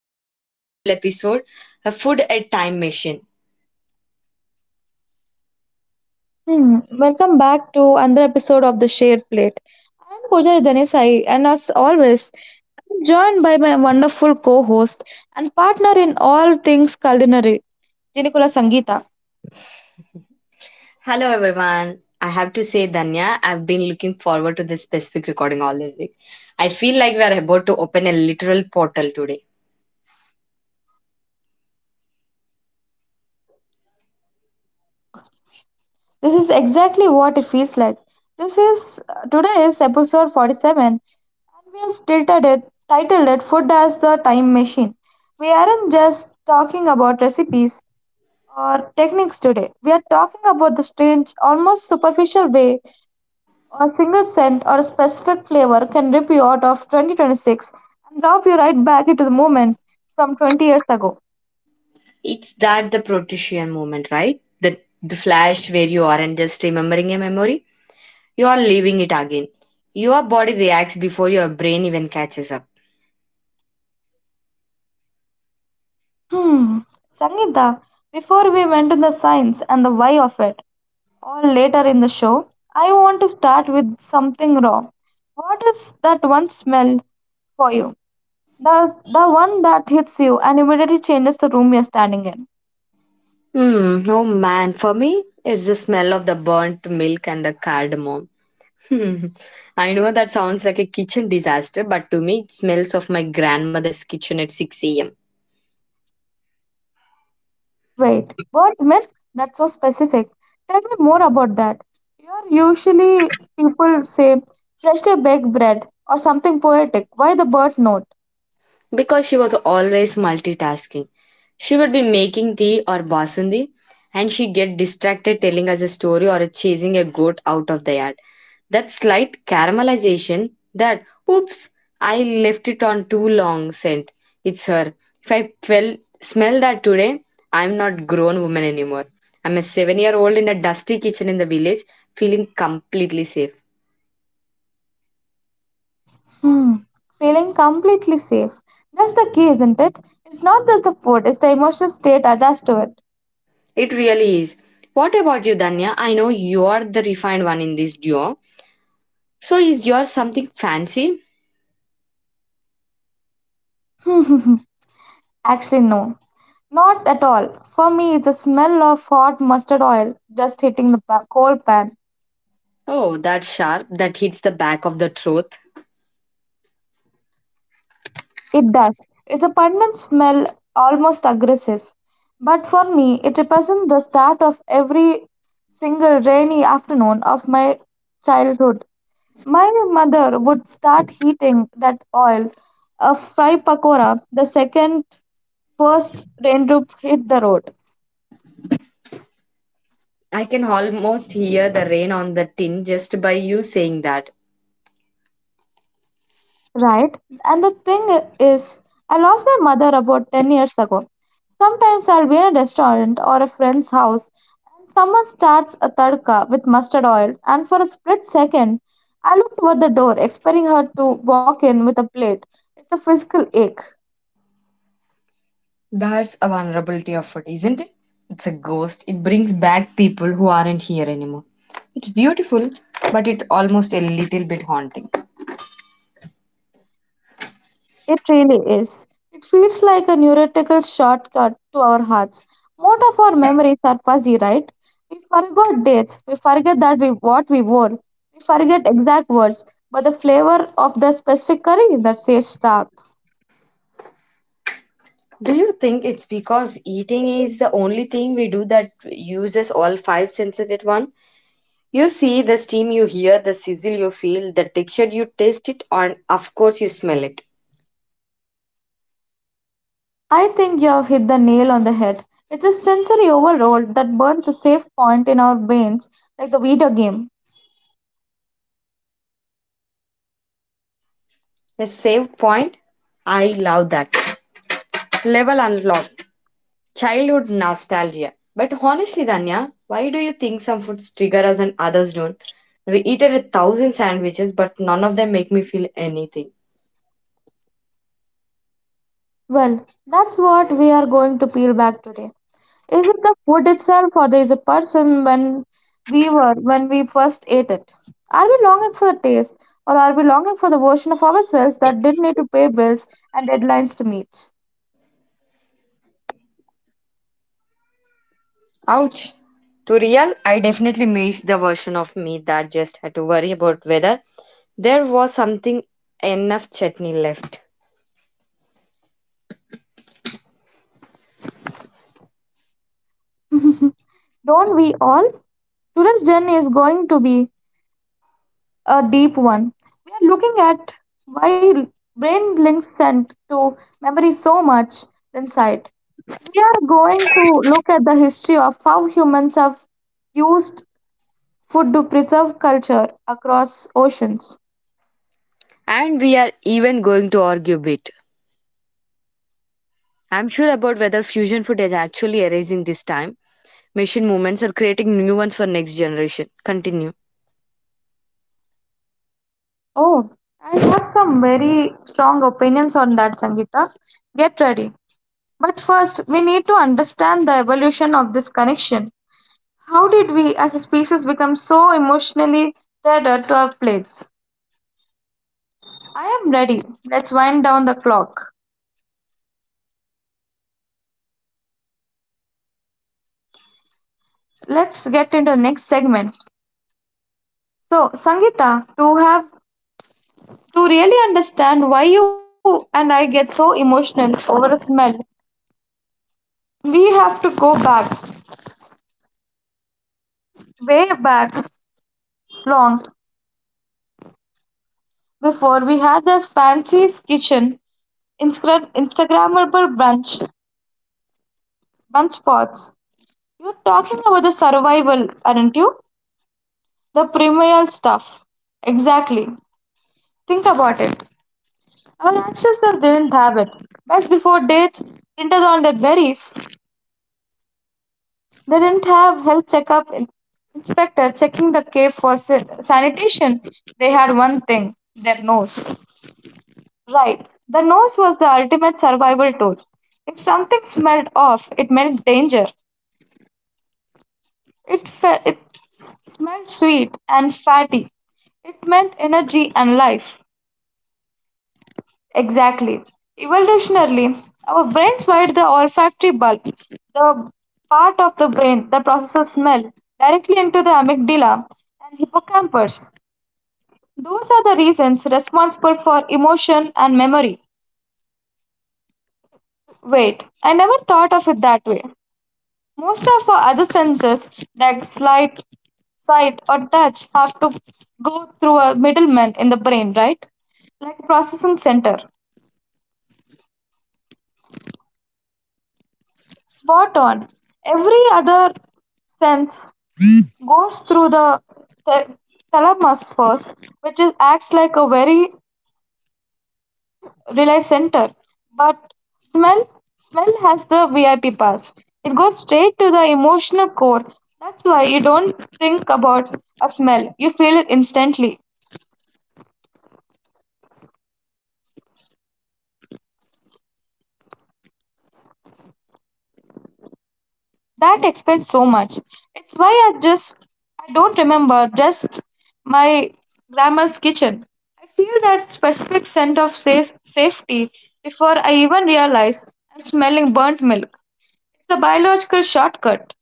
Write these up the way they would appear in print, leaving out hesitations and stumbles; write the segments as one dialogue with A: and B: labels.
A: another beautiful episode, a food at time machine.
B: Hmm. Welcome back to another episode of the Share Plate. I'm Pooja Dhanesai, and as always, I'm joined by my wonderful co-host and partner in all things culinary, Jinikula Sangeeta.
A: Hello everyone, I have to say Danya, I've been looking forward to this specific recording all this week. I feel like we are about to open a literal portal today.
B: This is exactly what it feels like. This is today is episode 47, and we have titled it "Food as the Time Machine." We aren't just talking about recipes or techniques today. We are talking about the strange, almost superficial way a single scent or a specific flavor can rip you out of 2026 and drop you right back into the moment from 20 years ago.
A: It's that the Protean moment, right? The flash where you aren't just remembering a memory, you are living it again. Your body reacts before your brain even catches up.
B: Hmm, Sangeeta, before we went to the science and the why of it, or later in the show, I want to start with something raw. What is that one smell for you? The one that hits you and immediately changes the room you're standing in.
A: Hmm. Oh man, for me, it's the smell of the burnt milk and the cardamom. Hmm. I know that sounds like a kitchen disaster, but to me, it smells of my grandmother's kitchen at 6 a.m.
B: Wait, what myth? That's so specific. Tell me more about that. Here, usually people say freshly baked bread or something poetic. Why the bird note?
A: Because she was always multitasking. She would be making tea or basundi and she get distracted telling us a story or chasing a goat out of the yard. That slight caramelization, that oops, I left it on too long scent. It's her. If I fell, smell that today, I'm not grown woman anymore. I'm a 7 year old in a dusty kitchen in the village, feeling completely safe.
B: Hmm. Feeling completely safe. That's the key, isn't it? It's not just the food, it's the emotional state attached to it.
A: It really is. What about you, Danya? I know you are the refined one in this duo. So is yours something fancy?
B: Actually, no. Not at all. For me, it's the smell of hot mustard oil just hitting the cold pan.
A: Oh, that sharp. That hits the back of the truth.
B: It does. It's a pungent smell, almost aggressive. But for me, it represents the start of every single rainy afternoon of my childhood. My mother would start heating that oil, a fry pakora, the second first raindrop hit the road.
A: I can almost hear the rain on the tin just by you saying that.
B: Right. And the thing is, I lost my mother about 10 years ago. Sometimes I'll be in a restaurant or a friend's house and someone starts a tadka with mustard oil, and for a split second, I look toward the door, expecting her to walk in with a plate. It's a physical ache.
A: That's a vulnerability of it, isn't it? It's a ghost. It brings back people who aren't here anymore. It's beautiful, but it almost a little bit haunting.
B: It really is. It feels like a neurological shortcut to our hearts. Most of our memories are fuzzy, right? We forgot dates. We forget that we what we wore. We forget exact words, but the flavor of the specific curry that stays sharp.
A: Do you think it's because eating is the only thing we do that uses all five senses at once? You see the steam you hear, the sizzle you feel, the texture you taste it, and of course you smell it.
B: I think you have hit the nail on the head. It's a sensory overload that burns a safe point in our brains like the video game.
A: A save point? I love that. Level unlocked. Childhood nostalgia. But honestly, Danya, why do you think some foods trigger us and others don't? We eaten a thousand sandwiches, but none of them make me feel anything.
B: Well, that's what we are going to peel back today. Is it the food itself or there is a person when we first ate it? Are we longing for the taste or are we longing for the version of ourselves that didn't need to pay bills and deadlines to meet?
A: Ouch. To real, I definitely miss the version of me that just had to worry about whether there was something enough chutney left.
B: Don't we all? Today's journey is going to be a deep one. We are looking at why brain links scent to memory so much than sight. We are going to look at the history of how humans have used food to preserve culture across oceans.
A: And we are even going to argue a bit. I'm sure about whether fusion food is actually erasing this time. Machine movements are creating new ones for next generation. Continue.
B: Oh, I have some very strong opinions on that, Sangeeta. Get ready. But first, we need to understand the evolution of this connection. How did we as a species become so emotionally tethered to our plates? I am ready. Let's wind down the clock. Let's get into the next segment. So, Sangeeta, to really understand why you and I get so emotional over a smell, we have to go back way back long before we had this fancy kitchen Instagrammable brunch bunch spots. You're talking about the survival, aren't you? The primal stuff. Exactly. Think about it. Our ancestors didn't have it. Best before dates printed on their berries. They didn't have health checkup inspector checking the cave for sanitation. They had one thing: their nose. Right. The nose was the ultimate survival tool. If something smelled off, it meant danger. It, smelled sweet and fatty. It meant energy and life. Exactly. Evolutionarily, our brains wired the olfactory bulb, the part of the brain that processes smell, directly into the amygdala and hippocampus. Those are the reasons responsible for emotion and memory. Wait, I never thought of it that way. Most of our other senses, like sight or touch, have to go through a middleman in the brain, right? Like a processing center. Spot on. Every other sense goes through the th- thalamus first, which is, acts like a very relay center. But smell, smell has the VIP pass. It goes straight to the emotional core. That's why you don't think about a smell. You feel it instantly. That explains so much. It's why I just I don't remember just my grandma's kitchen. I feel that specific scent of safety before I even realize I'm smelling burnt milk. It's a biological shortcut.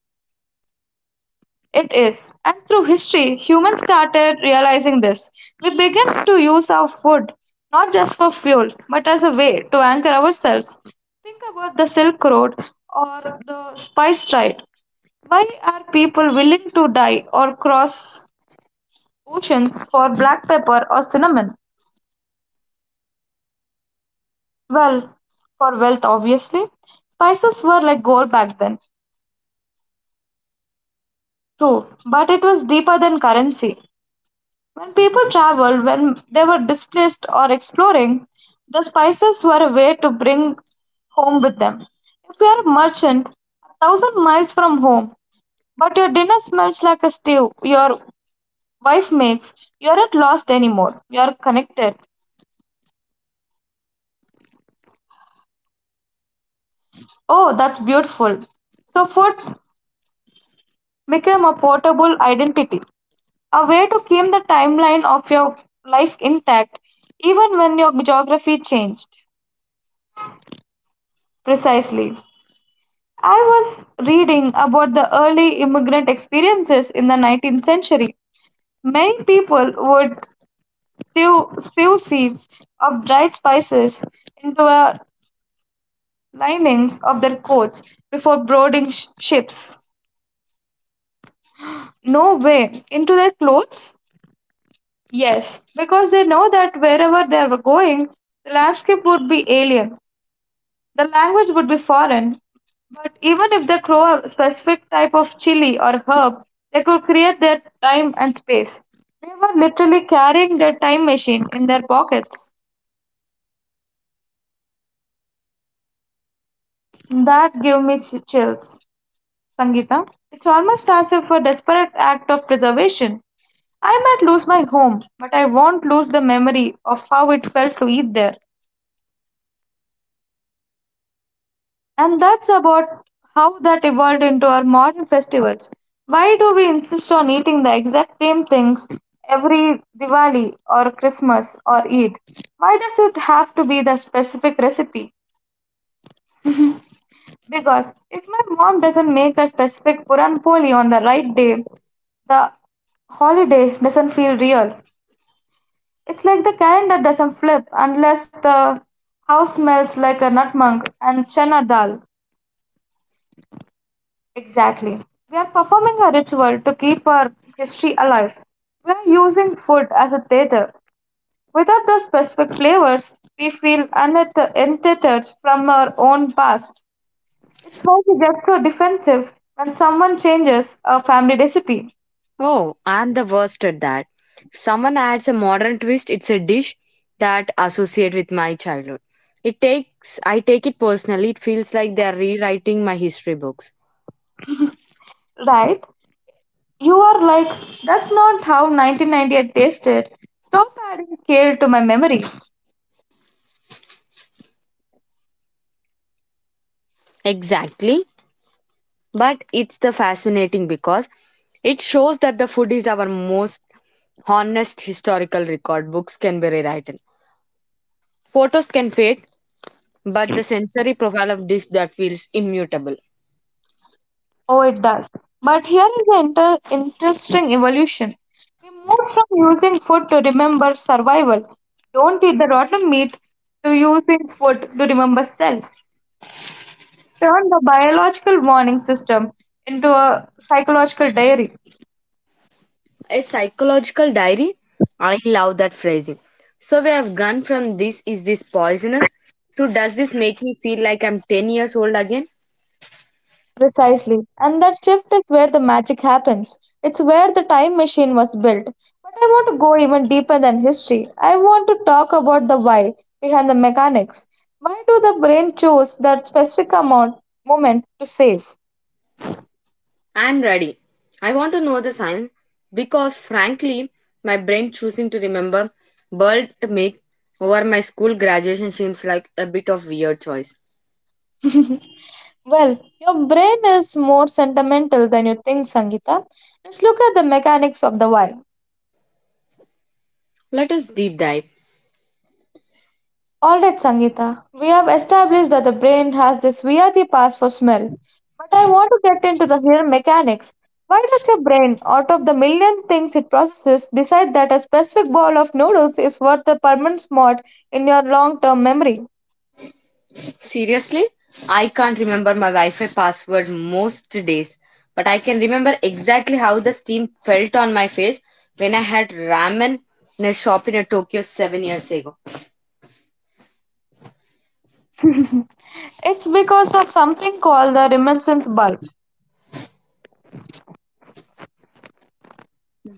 B: It is. And through history, humans started realizing this. We began to use our food not just for fuel, but as a way to anchor ourselves. Think about the Silk Road or the spice trade. Why are people willing to die or cross oceans for black pepper or cinnamon? Well, for wealth, obviously. Spices were like gold back then, too, but it was deeper than currency. When people traveled, when they were displaced or exploring, the spices were a way to bring home with them. If you are a merchant, a thousand miles from home, but your dinner smells like a stew your wife makes, you aren't lost anymore. You are connected. Oh, that's beautiful. So, food became a portable identity, a way to keep the timeline of your life intact even when your geography changed. Precisely. I was reading about the early immigrant experiences in the 19th century. Many people would sew stew seeds of dried spices into the linings of their coats before boarding ships. No way, into their clothes? Yes, because they know that wherever they were going, the landscape would be alien, the language would be foreign. But even if they grow a specific type of chili or herb, they could create their time and space. They were literally carrying their time machine in their pockets. That gave me chills, Sangeeta. It's almost as if a desperate act of preservation. I might lose my home, but I won't lose the memory of how it felt to eat there. And that's about how that evolved into our modern festivals. Why do we insist on eating the exact same things every Diwali or Christmas or Eid? Why does it have to be the specific recipe? Because if my mom doesn't make a specific Puran Poli on the right day, the holiday doesn't feel real. It's like the calendar doesn't flip unless the house smells like a nutmeg and chana dal. Exactly. We are performing a ritual to keep our history alive. We are using food as a theater. Without those specific flavors, we feel untethered from our own past. It's why we get so defensive when someone changes a family recipe,
A: Oh, I'm the worst at that. If someone adds a modern twist, it's a dish that associate with my childhood. It takes I take it personally. It feels like they are rewriting my history books.
B: right? You are like, that's not how 1998 tasted. Stop adding kale to my memories.
A: Exactly. But it's the fascinating because it shows that the food is our most honest historical record. Books can be rewritten. Photos can fade, but the sensory profile of dish that feels immutable.
B: Oh, it does. But here is an interesting evolution. We moved from using food to remember survival. Don't eat the rotten meat to using food to remember self. Turn the biological warning system into a psychological diary.
A: A psychological diary? I love that phrasing. So we have gone from this poisonous to does this make me feel like I'm 10 years old again?
B: Precisely. And that shift is where the magic happens. It's where the time machine was built. But I want to go even deeper than history. I want to talk about the why behind the mechanics. Why do the brain choose that specific amount moment to save?
A: I'm ready. I want to know the science because frankly, my brain choosing to remember world make over my school graduation seems like a bit of weird choice.
B: Well, your brain is more sentimental than you think, Sangeeta. Let's look at the mechanics of the why.
A: Let us deep dive.
B: Alright, Sangeeta, we have established that the brain has this VIP pass for smell. But I want to get into the here mechanics. Why does your brain, out of the million things it processes, decide that a specific bowl of noodles is worth the permanent spot in your long term memory?
A: Seriously, I can't remember my Wi Fi password most days, but I can remember exactly how the steam felt on my face when I had ramen in a shop in a Tokyo 7 years ago.
B: It's because of something called the reminiscence bulb.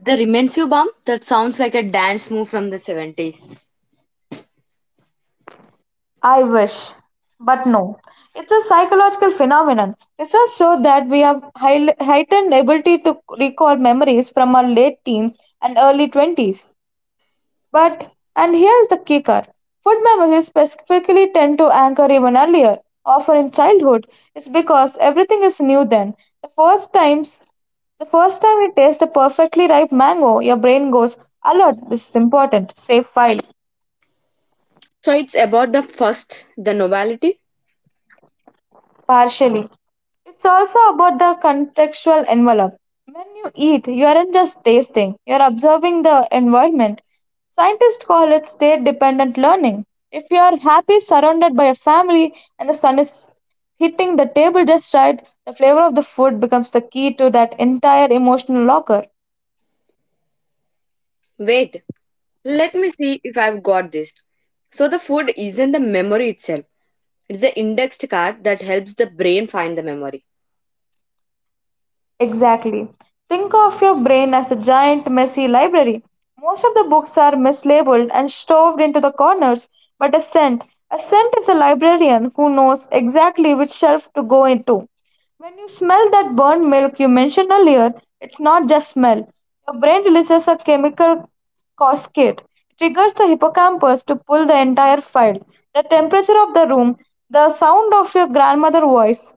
A: The Rimensu bomb that sounds like a dance move from the 70s.
B: I wish, but no. It's a psychological phenomenon. Research shows that we have heightened ability to recall memories from our late teens and early 20s. But, and here's the kicker food memories specifically tend to anchor even earlier, often in childhood. It's because everything is new then. The first times the first time you taste a perfectly ripe mango, your brain goes, alert, this is important, save file.
A: So it's about the first, the novelty.
B: Partially. It's also about the contextual envelope. When you eat, you aren't just tasting, you're observing the environment. Scientists call it state dependent learning. If you are happy surrounded by a family and the sun is hitting the table just right, the flavor of the food becomes the key to that entire emotional locker.
A: Wait, let me see if I've got this. So the food isn't the memory itself, it's the indexed card that helps the brain find the memory.
B: Exactly. Think of your brain as a giant, messy library. Most of the books are mislabeled and shoved into the corners, but a scent is a librarian who knows exactly which shelf to go into. When you smell that burnt milk you mentioned earlier, it's not just smell. Your brain releases a chemical cascade. It triggers the hippocampus to pull the entire file. The temperature of the room, the sound of your grandmother's voice,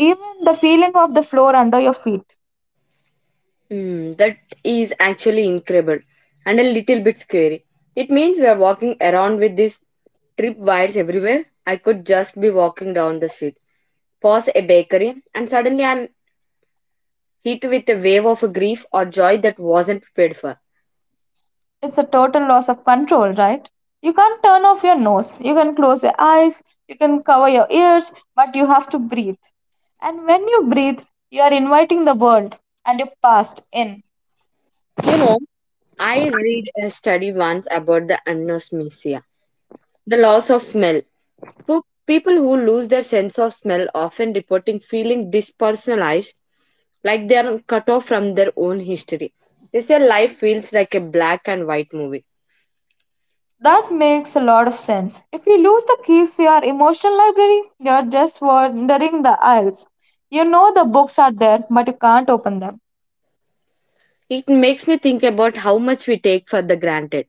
B: even the feeling of the floor under your feet.
A: Hmm, that is actually incredible and a little bit scary. It means we are walking around with these trip wires everywhere. I could just be walking down the street, pause a bakery, and suddenly I'm hit with a wave of grief or joy that wasn't prepared for.
B: It's a total loss of control, right? You can't turn off your nose. You can close your eyes, you can cover your ears, but you have to breathe. And when you breathe, you are inviting the world and your past in.
A: You know, I read a study once about the anosmia, the loss of smell. People who lose their sense of smell often reporting feeling dispersonalized like they are cut off from their own history. They say life feels like a black and white movie.
B: That makes a lot of sense. If you lose the keys to your emotional library, you are just wandering the aisles. You know the books are there, but you can't open them.
A: It makes me think about how much we take for the granted.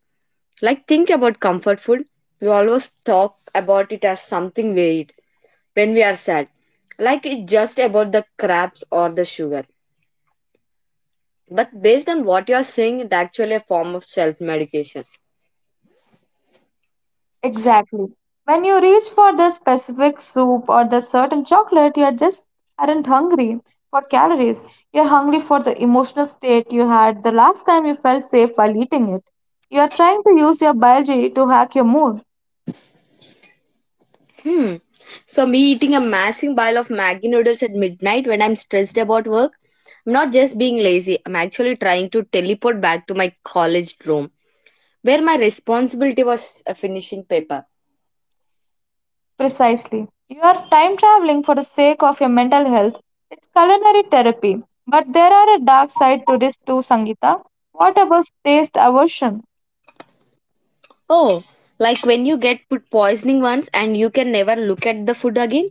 A: Like think about comfort food. We always talk about it as something we eat when we are sad. Like it's just about the crabs or the sugar. But based on what you are saying, it's actually a form of self medication.
B: Exactly. When you reach for the specific soup or the certain chocolate, you are just aren't hungry for calories. You're hungry for the emotional state you had the last time you felt safe while eating it. You are trying to use your biology to hack your mood.
A: Hmm. So me eating a massive bowl of Maggi noodles at midnight when I'm stressed about work, I'm not just being lazy. I'm actually trying to teleport back to my college room where my responsibility was a finishing paper.
B: Precisely. You are time traveling for the sake of your mental health. It's culinary therapy. But there are a dark side to this too, Sangita. What about taste aversion?
A: Oh, like when you get food poisoning once and you can never look at the food again?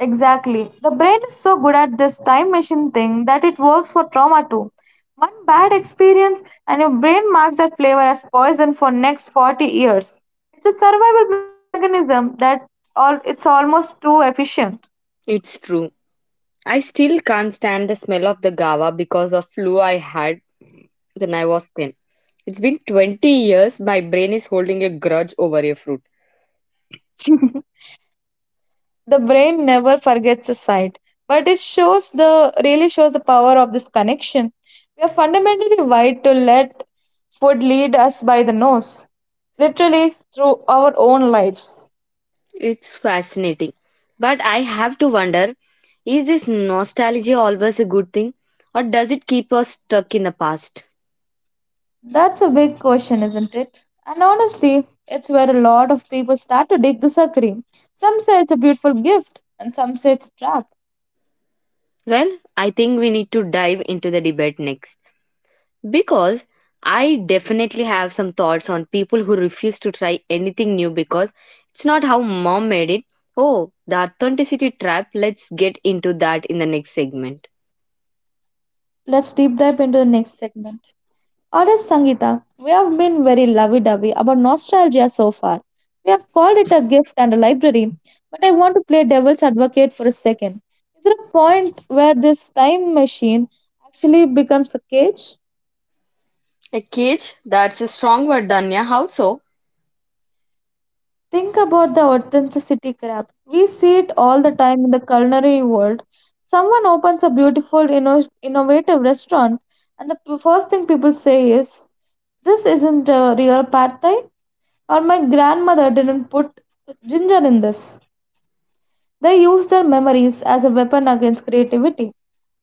B: Exactly. The brain is so good at this time machine thing that it works for trauma too. One bad experience and your brain marks that flavor as poison for next 40 years. It's a survival mechanism that all it's almost too efficient.
A: It's true. I still can't stand the smell of the gawa because of flu I had when I was 10. It's been 20 years my brain is holding a grudge over a fruit.
B: The brain never forgets a sight, but it shows the really shows the power of this connection. We are fundamentally wired to let food lead us by the nose, literally through our own lives.
A: It's fascinating. But I have to wonder is this nostalgia always a good thing or does it keep us stuck in the past?
B: That's a big question, isn't it? And honestly, it's where a lot of people start to dig the suckering. Some say it's a beautiful gift, and some say it's a trap.
A: Well, I think we need to dive into the debate next because I definitely have some thoughts on people who refuse to try anything new because it's not how mom made it. Oh, the authenticity trap. Let's get into that in the next segment.
B: Let's deep dive into the next segment. Alright, Sangeeta, we have been very lovey dovey about nostalgia so far. We have called it a gift and a library, but I want to play devil's advocate for a second. Is there a point where this time machine actually becomes a cage?
A: A cage? That's a strong word, Danya. How so?
B: Think about the authenticity crap. We see it all the time in the culinary world. Someone opens a beautiful, innovative restaurant, and the first thing people say is, "This isn't a real pad thai," or "My grandmother didn't put ginger in this." They use their memories as a weapon against creativity.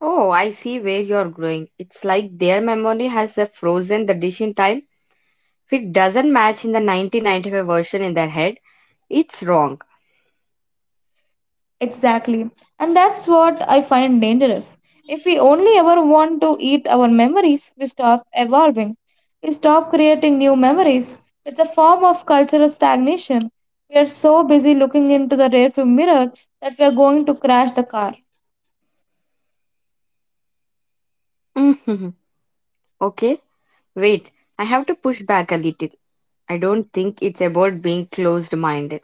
A: Oh, I see where you're growing. It's like their memory has frozen the dish in time. If it doesn't match in the 1995 version in their head, it's wrong.
B: Exactly. And that's what I find dangerous. If we only ever want to eat our memories, we stop evolving. We stop creating new memories. It's a form of cultural stagnation. We are so busy looking into the rear view mirror that we are going to crash the car.
A: Mhm. Okay, wait. I have to push back a little. I don't think it's about being closed minded.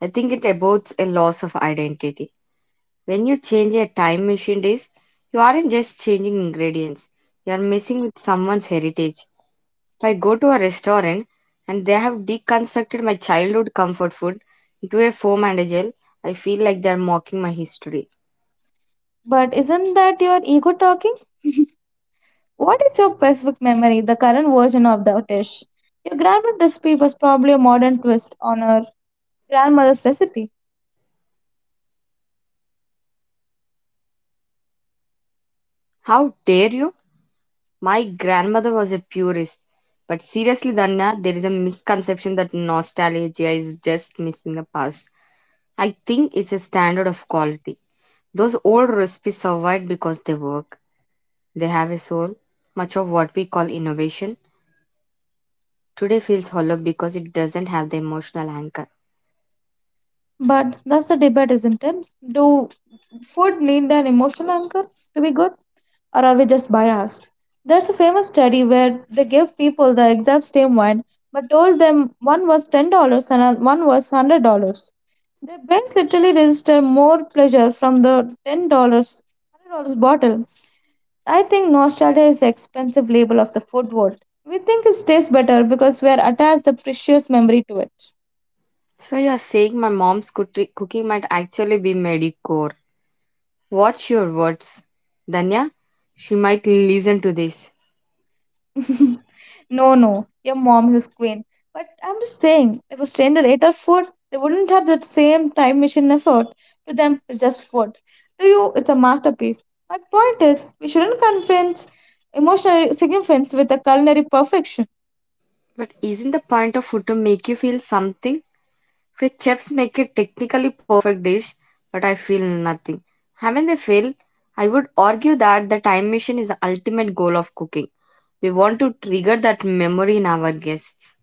A: I think it's about a loss of identity. When you change a time machine dish, you aren't just changing ingredients, you're messing with someone's heritage. If I go to a restaurant and they have deconstructed my childhood comfort food into a foam and a gel, I feel like they're mocking my history.
B: But isn't that your ego talking? What is your specific memory, the current version of the dish? Your grandmother's recipe was probably a modern twist on her grandmother's recipe.
A: How dare you? My grandmother was a purist. But seriously, Danya, there is a misconception that nostalgia is just missing the past. I think it's a standard of quality. Those old recipes survived because they work. They have a soul. Much of what we call innovation today feels hollow because it doesn't have the emotional anchor.
B: But that's the debate, isn't it? Do food need an emotional anchor to be good, or are we just biased? There's a famous study where they gave people the exact same wine but told them one was $10 and one was $100. Their brains literally register more pleasure from the $10, $100 bottle. I think nostalgia is the expensive label of the food world. We think it tastes better because we are attached the precious memory to it.
A: So you're saying my mom's cooking might actually be medicore. Watch your words. Danya, she might listen to this.
B: No, no, your mom's is queen. But I'm just saying, if a stranger ate our food, they wouldn't have that same time machine effort. To them, it's just food. To you, it's a masterpiece. My point is, we shouldn't convince emotional significance with a culinary perfection.
A: But isn't the point of food to make you feel something? If chefs make a technically perfect dish, but I feel nothing. Haven't they failed? I would argue that the time machine is the ultimate goal of cooking. We want to trigger that memory in our guests.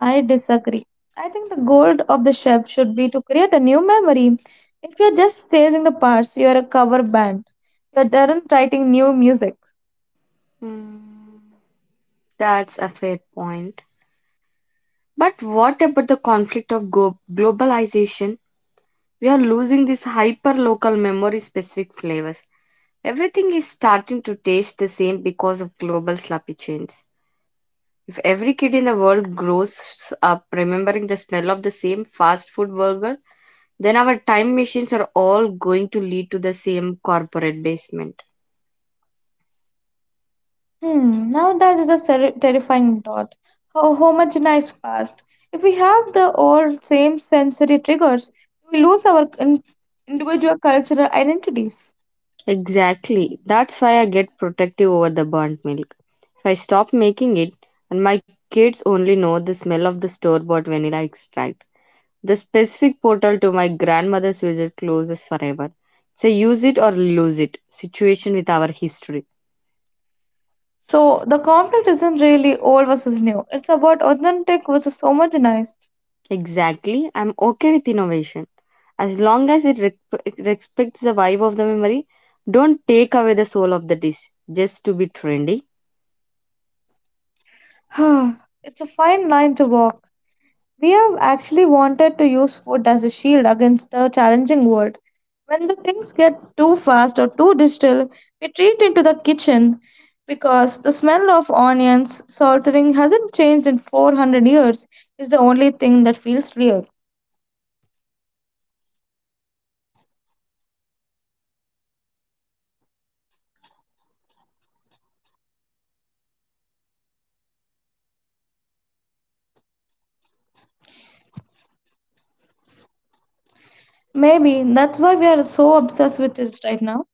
B: I disagree. I think the goal of the chef should be to create a new memory. If you're just staging the parts, you're a cover band. You aren't writing new music.
A: Hmm. That's a fair point. But what about the conflict of globalization? We are losing these hyper local memory specific flavors. Everything is starting to taste the same because of global sloppy chains. If every kid in the world grows up remembering the smell of the same fast food burger, then our time machines are all going to lead to the same corporate basement.
B: Hmm, now that is a terrifying thought. How homogenized past. If we have the all same sensory triggers, we lose our individual cultural identities.
A: Exactly. That's why I get protective over the burnt milk. If I stop making it and my kids only know the smell of the store bought vanilla extract, the specific portal to my grandmother's visit closes forever. So use it or lose it situation with our history.
B: So the conflict isn't really old versus new. It's about authentic versus homogenized.
A: Exactly. I'm okay with innovation. As long as it respects the vibe of the memory, don't take away the soul of the dish just to be trendy.
B: It's a fine line to walk. We have actually wanted to use food as a shield against the challenging world. When the things get too fast or too digital, we retreat into the kitchen because the smell of onions saltering hasn't changed in 400 years is the only thing that feels real. Maybe that's why we are so obsessed with it right now.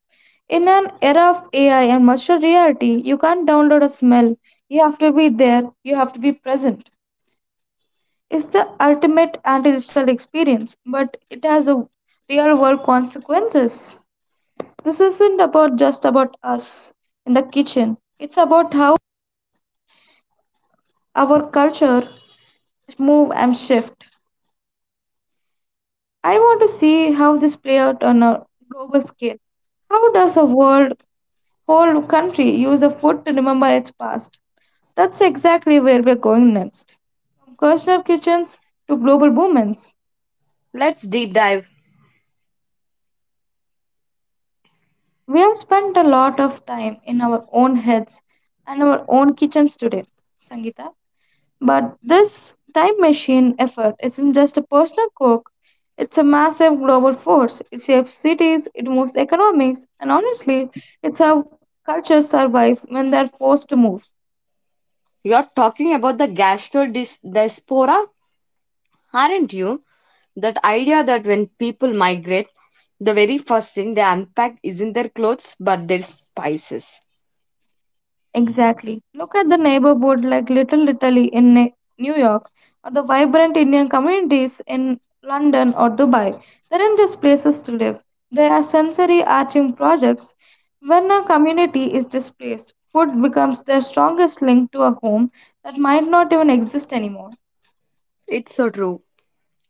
B: In an era of AI and virtual reality, you can't download a smell. You have to be there, you have to be present. Is the ultimate anti digital experience, but it has a real world consequences. This isn't about just about us in the kitchen. It's about how our culture move and shift. I want to see how this play out on a global scale. How does a world whole country use a food to remember its past? That's exactly where we're going next. From personal kitchens to global movements.
A: Let's deep dive.
B: We have spent a lot of time in our own heads and our own kitchens today, Sangeeta. But this time machine effort isn't just a personal quirk; it's a massive global force. It shapes cities, it moves economics, and honestly, it's how cultures survive when they're forced to move.
A: You're talking about the gastro diaspora, aren't you? That idea that when people migrate, the very first thing they unpack isn't their clothes but their spices.
B: Exactly. Look at the neighborhood like Little Italy in New York or the vibrant Indian communities in London or Dubai. They aren't just places to live, they are sensory arching projects. When a community is displaced, food becomes their strongest link to a home that might not even exist anymore.
A: It's so true.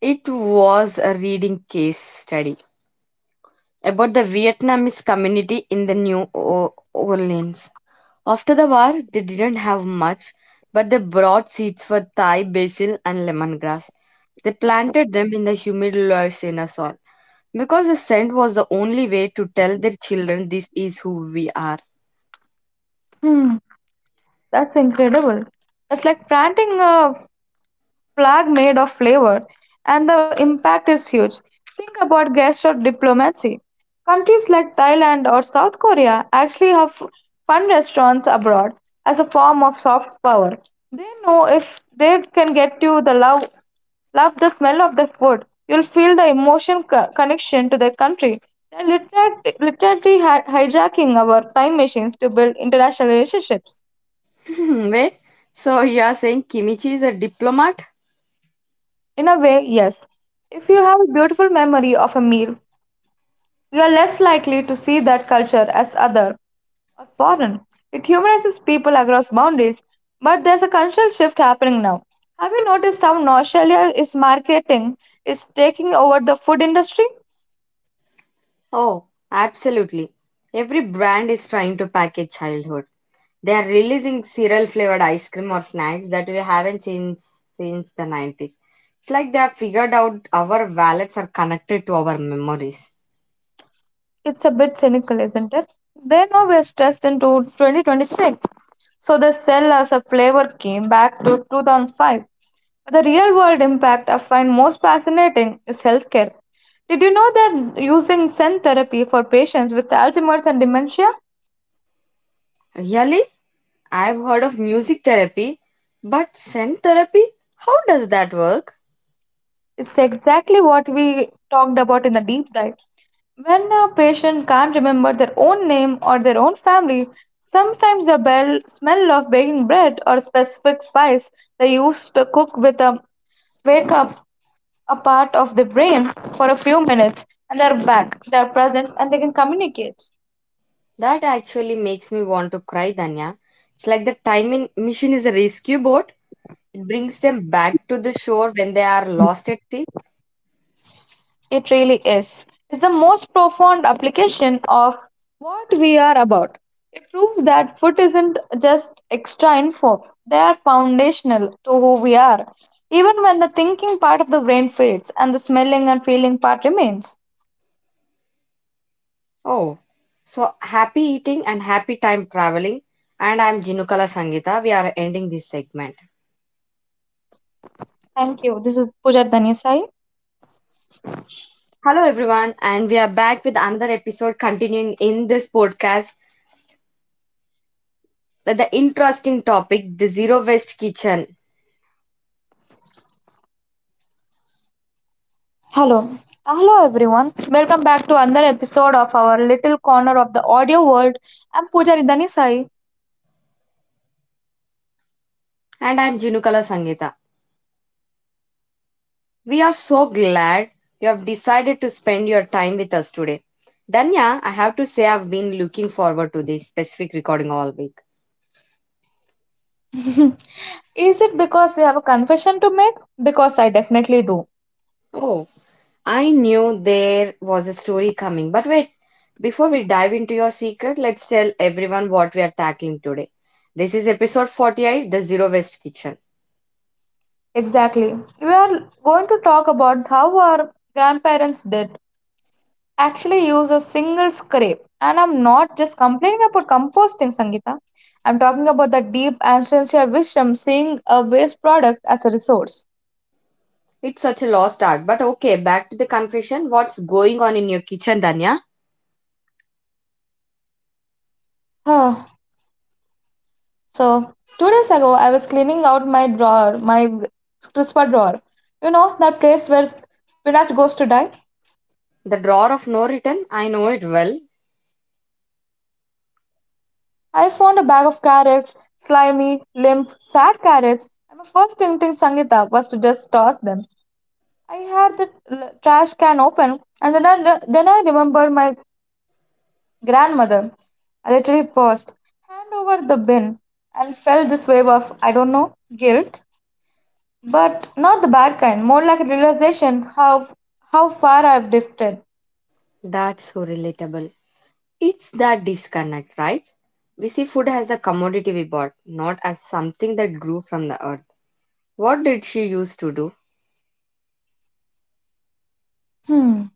A: It was a reading case study about the Vietnamese community in the Orleans. After the war, they didn't have much, but they brought seeds for Thai basil and lemongrass. They planted them in the humid Louisiana soil because the scent was the only way to tell their children this is who we are.
B: Hmm, that's incredible. It's like planting a flag made of flavor, and the impact is huge. Think about gesture diplomacy. Countries like Thailand or South Korea actually have fun restaurants abroad as a form of soft power. They know if they can get you the love, love the smell of the food, you'll feel the emotion connection to the country. They're literally hijacking our time machines to build international relationships.
A: Hmm, wait, so you are saying Kimichi is a diplomat?
B: In a way, yes. If you have a beautiful memory of a meal, we are less likely to see that culture as other or foreign. It humanizes people across boundaries, but there's a cultural shift happening now. Have you noticed how Australia is marketing is taking over the food industry?
A: Oh, absolutely. Every brand is trying to package childhood. They are releasing cereal flavored ice cream or snacks that we haven't seen since the 90s. It's like they have figured out our wallets are connected to our memories.
B: It's a bit cynical, isn't it? They know we're stressed into 2026, so they sell us a flavor came back to 2005. The real world impact I find most fascinating is healthcare. Did you know that using Zen therapy for patients with Alzheimer's and dementia
A: Really? I've heard of music therapy, but scent therapy? How does that work?
B: is exactly what we talked about in the deep dive? When a patient can't remember their own name or their own family, sometimes the bell, smell of baking bread or specific spice they used to cook with a wake up a part of the brain for a few minutes and they're back, they're present, and they can communicate.
A: That actually makes me want to cry, Danya. It's like the time machine is a rescue boat. It brings them back to the shore when they are lost at sea.
B: It really is. It's the most profound application of what we are about. It proves that food isn't just extra info, they are foundational to who we are. Even when the thinking part of the brain fades and the smelling and feeling part remains.
A: Oh, so happy eating and happy time traveling. And I'm Jinukala Sangita. We are ending this segment.
B: Thank you. This is Pooja Dhanisai.
A: Hello, everyone, and we are back with another episode continuing in this podcast with the interesting topic the zero waste kitchen.
B: Hello. Hello everyone. Welcome back to another episode of our little corner of the audio world. I'm Pujari Dhanisai.
A: And I'm Jinukala Sangita. We are so glad you have decided to spend your time with us today. Danya, I have to say, I've been looking forward to this specific recording all week.
B: Is it because you have a confession to make? Because I definitely do.
A: Oh, I knew there was a story coming, but wait, before we dive into your secret, let's tell everyone what we are tackling today. This is episode 48, The Zero Waste Kitchen.
B: Exactly. We are going to talk about how our grandparents did actually use a single scrape. And I'm not just complaining about composting, Sangeeta. I'm talking about the deep ancestral wisdom seeing a waste product as a resource.
A: It's such a lost art, but okay, back to the confession. What's going on in your kitchen, Danya?
B: Ah, so, 2 days ago, I was cleaning out my drawer, my crisper drawer. You know, that place where spinach goes to die?
A: The drawer of no return, I know it well.
B: I found a bag of carrots, slimy, limp, sad carrots, and my first instinct, Sangeeta, was to just toss them. I had the trash can open, and then I remembered my grandmother. I literally paused, hand over the bin, and felt this wave of, I don't know, guilt, but not the bad kind, more like a realization how far I've drifted.
A: That's so relatable. It's that disconnect, right? We see food as the commodity we bought, not as something that grew from the earth. What did she used to do?
B: Hmm.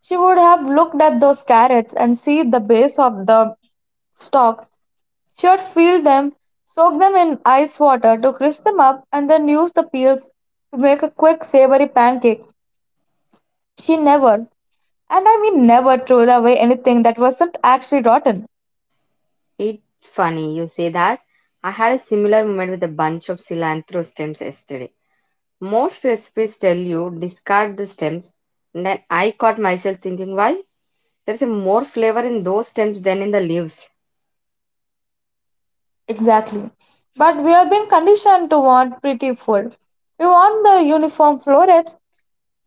B: She would have looked at those carrots and see the base of the stalk. She would peel them, soak them in ice water to crisp them up, and then use the peels to make a quick savory pancake. She never, and I mean never, throws away anything that wasn't actually rotten.
A: It's funny you say that. I had a similar moment with a bunch of cilantro stems yesterday. Most recipes tell you discard the stems, and then I caught myself thinking why? There's a more flavor in those stems than in the leaves.
B: Exactly. But we have been conditioned to want pretty food. We want the uniform florets,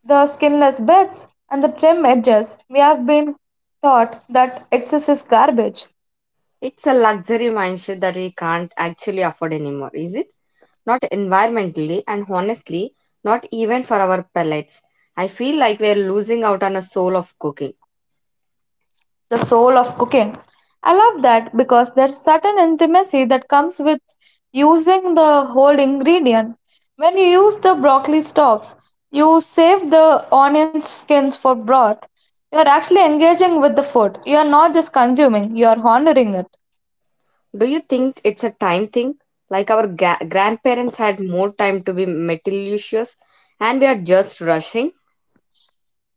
B: the skinless breasts, and the trim edges. We have been taught that excess is garbage.
A: It's a luxury mindset that we can't actually afford anymore, is it? Not environmentally, and honestly, not even for our palates. I feel like we're losing out on a soul of cooking.
B: The soul of cooking. I love that because there's certain intimacy that comes with using the whole ingredient. When you use the broccoli stalks, you save the onion skins for broth. You are actually engaging with the food. You are not just consuming, you are honoring it.
A: Do you think it's a time thing? Like our grandparents had more time to be meticulous and we are just rushing?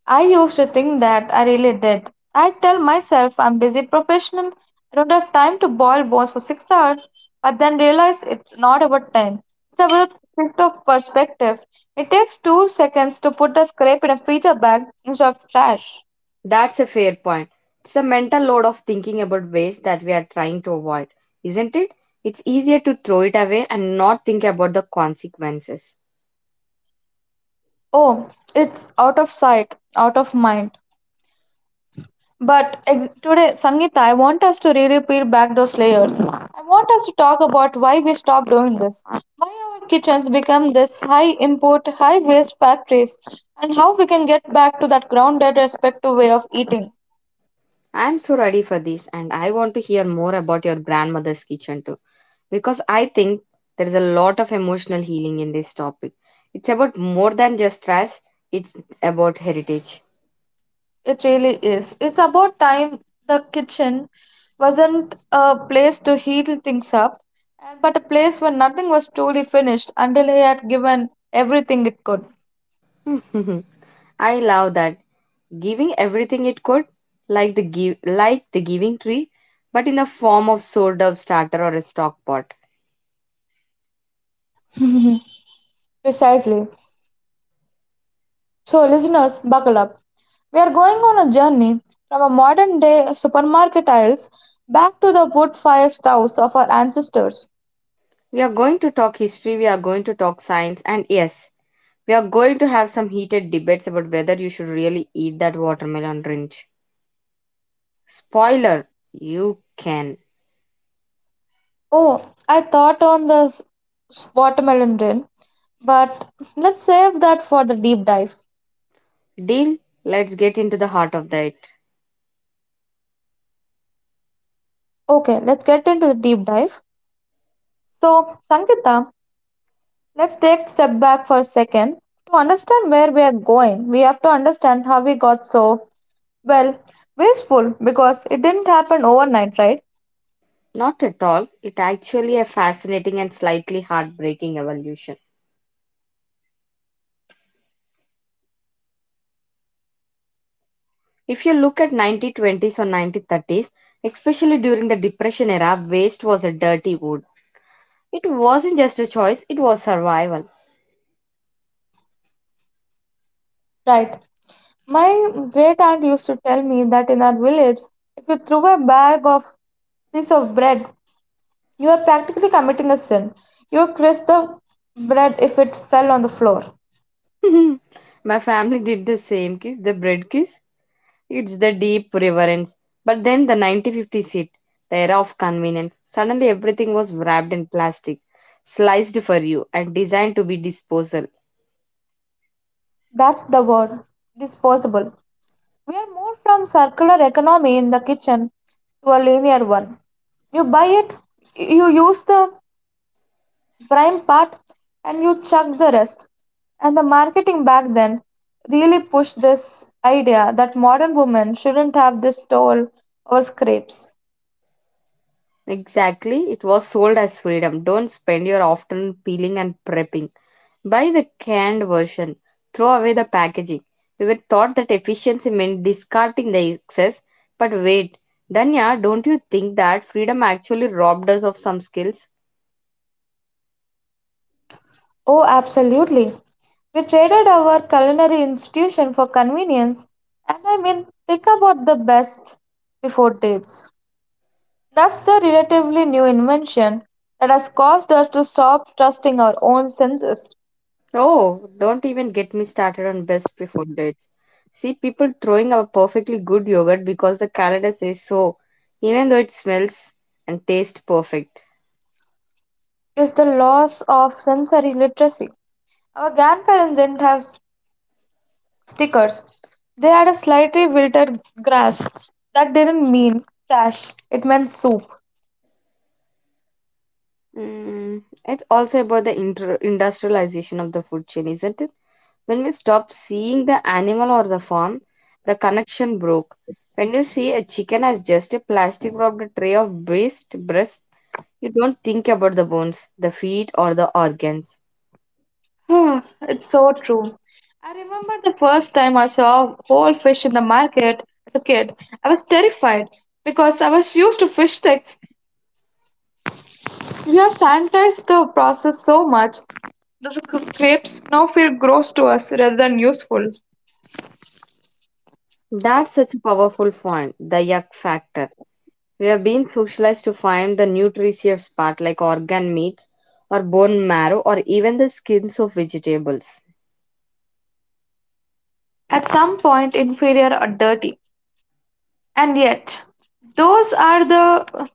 B: I used to think that I really did. I'd tell myself I'm busy professional, I don't have time to boil bones for 6 hours, but then realize it's not about time. It's about shift of perspective. It takes 2 seconds to put a scrape in a freezer bag instead of trash.
A: That's a fair point. It's a mental load of thinking about ways that we are trying to avoid, isn't it? It's easier to throw it away and not think about the consequences.
B: Oh, it's out of sight, out of mind. But today, Sangeeta, I want us to really peel back those layers. I want us to talk about why we stopped doing this, why our kitchens become this high import, high waste factories, and how we can get back to that grounded, respectful way of eating.
A: I'm so ready for this and I want to hear more about your grandmother's kitchen too because I think there is a lot of emotional healing in this topic. It's about more than just trash, it's about heritage.
B: It really is. It's about time the kitchen wasn't a place to heat things up, but a place where nothing was truly finished until he had given everything it could.
A: I love that. Giving everything it could, like the give, like the giving tree, but in the form of sort of starter or a stock pot.
B: Precisely. So, listeners, buckle up. We are going on a journey from our modern day supermarket aisles back to the wood fire stoves of our ancestors.
A: We are going to talk history, we are going to talk science, and yes, we are going to have some heated debates about whether you should really eat that watermelon wrench. Spoiler, you can.
B: Oh, I thought on the watermelon rain, but let's save that for the deep dive.
A: Deal, let's get into the heart of that.
B: Okay, let's get into the deep dive. So, Sankita, let's take a step back for a second. To understand where we are going, we have to understand how we got so, well, wasteful because it didn't happen overnight, right?
A: Not at all. It actually a fascinating and slightly heartbreaking evolution. If you look at 1920s or 1930s, especially during the Depression era, waste was a dirty word. It wasn't just a choice, it was survival.
B: Right. My great aunt used to tell me that in our village, if you threw a bag of piece of bread, you are practically committing a sin. You curse the bread if it fell on the floor.
A: My family did the same kiss, the bread kiss. It's the deep reverence. But then the 1950s hit, the era of convenience. Suddenly everything was wrapped in plastic, sliced for you, and designed to be disposal.
B: That's the word, disposable. We are moved from circular economy in the kitchen to a linear one. You buy it, you use the prime part and you chuck the rest. And the marketing back then really pushed this idea that modern women shouldn't have this toll or scrapes.
A: Exactly, it was sold as freedom. Don't spend your afternoon peeling and prepping. Buy the canned version. Throw away the packaging. We were taught that efficiency meant discarding the excess. But wait, Danya, don't you think that freedom actually robbed us of some skills?
B: Oh, absolutely. We traded our culinary institution for convenience, and I mean, think about the best before dates. That's the relatively new invention that has caused us to stop trusting our own senses,
A: Oh, don't even get me started on best before dates. See people throwing a perfectly good yogurt because the calendar says so, even though it smells and tastes perfect.
B: is the loss of sensory literacy. Our grandparents didn't have stickers. They had a slightly wilted grass. That didn't mean trash, it meant soup.
A: Mm, it's also about the industrialization of the food chain, isn't it? When we stop seeing the animal or the farm, the connection broke. When you see a chicken as just a plastic wrapped tray of waste breast, you don't think about the bones, the feet, or the organs.
B: It's so true. I remember the first time I saw whole fish in the market as a kid. I was terrified because I was used to fish sticks. We have sanitized the process so much that the crepes now feel gross to us rather than useful.
A: That's such a powerful point, the yuck factor. We have been socialized to find the nutritious part like organ meats or bone marrow or even the skins of vegetables.
B: At some point, inferior or dirty. And yet, those are the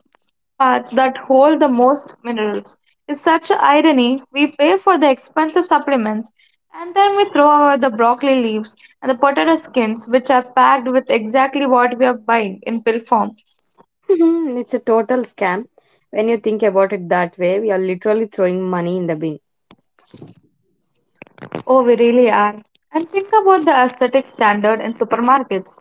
B: parts that hold the most minerals. It's such an irony. We pay for the expensive supplements and then we throw away the broccoli leaves and the potato skins, which are packed with exactly what we are buying in pill form.
A: Mhm, it's a total scam. When you think about it that way, we are literally throwing money in the bin.
B: Oh, we really are. And think about the aesthetic standard in supermarkets.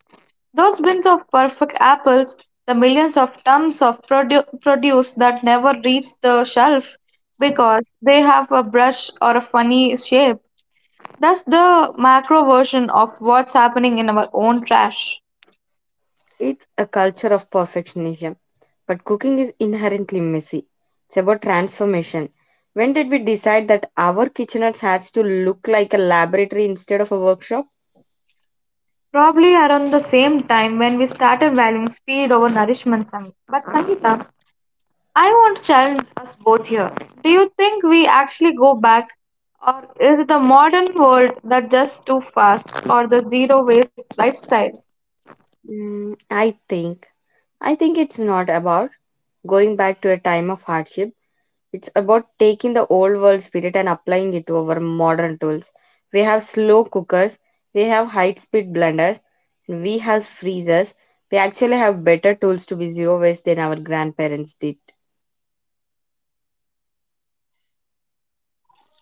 B: Those bins of perfect apples, the millions of tons of produce that never reach the shelf because they have a brush or a funny shape. That's the macro version of what's happening in our own trash.
A: It's a culture of perfectionism. But cooking is inherently messy. It's about transformation. When did we decide that our kitchenettes has to look like a laboratory instead of a workshop?
B: Probably around the same time when we started valuing speed over nourishment. Sam. But Sangeeta, I want to challenge us both here. Do you think we actually go back, or is it the modern world that just too fast, or the zero waste lifestyle?
A: Mm, I think. I think it's not about going back to a time of hardship. It's about taking the old world spirit and applying it to our modern tools. We have slow cookers, we have high speed blenders, we have freezers. We actually have better tools to be zero waste than our grandparents did.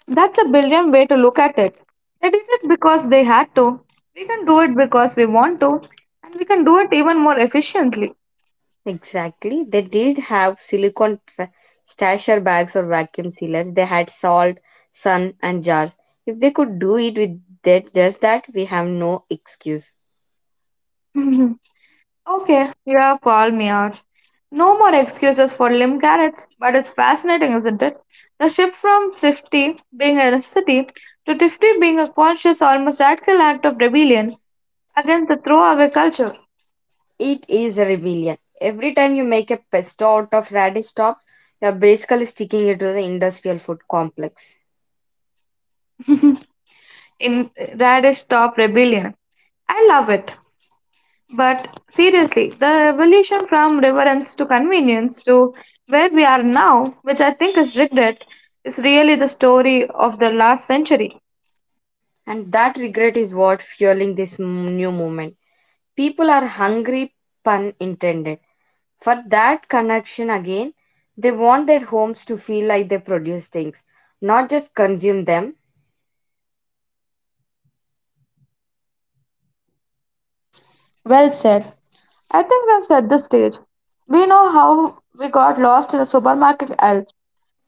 B: That's a brilliant way to look at it. They did it because they had to. We can do it because we want to, and we can do it even more efficiently.
A: Exactly. They did have silicone stasher bags or vacuum sealers. They had salt, sun, and jars. If they could do it with that, just that, we have no excuse.
B: Okay, you have called me out. No more excuses for limb carrots, but it's fascinating, isn't it? The shift from thrifty being a necessity to thrifty being a conscious, almost radical act of rebellion against the throwaway culture
A: It is a rebellion. Every time you make a pesto out of radish top, you're basically sticking it to the industrial food complex.
B: in Radish Top Rebellion. I love it. But seriously, the evolution from reverence to convenience to where we are now, which I think is regret, is really the story of the last century.
A: And that regret is what fueling this new movement. People are hungry, pun intended, for that connection again. They want their homes to feel like they produce things, not just consume them.
B: Well said. I think we've set the stage. We know how we got lost in the supermarket aisles.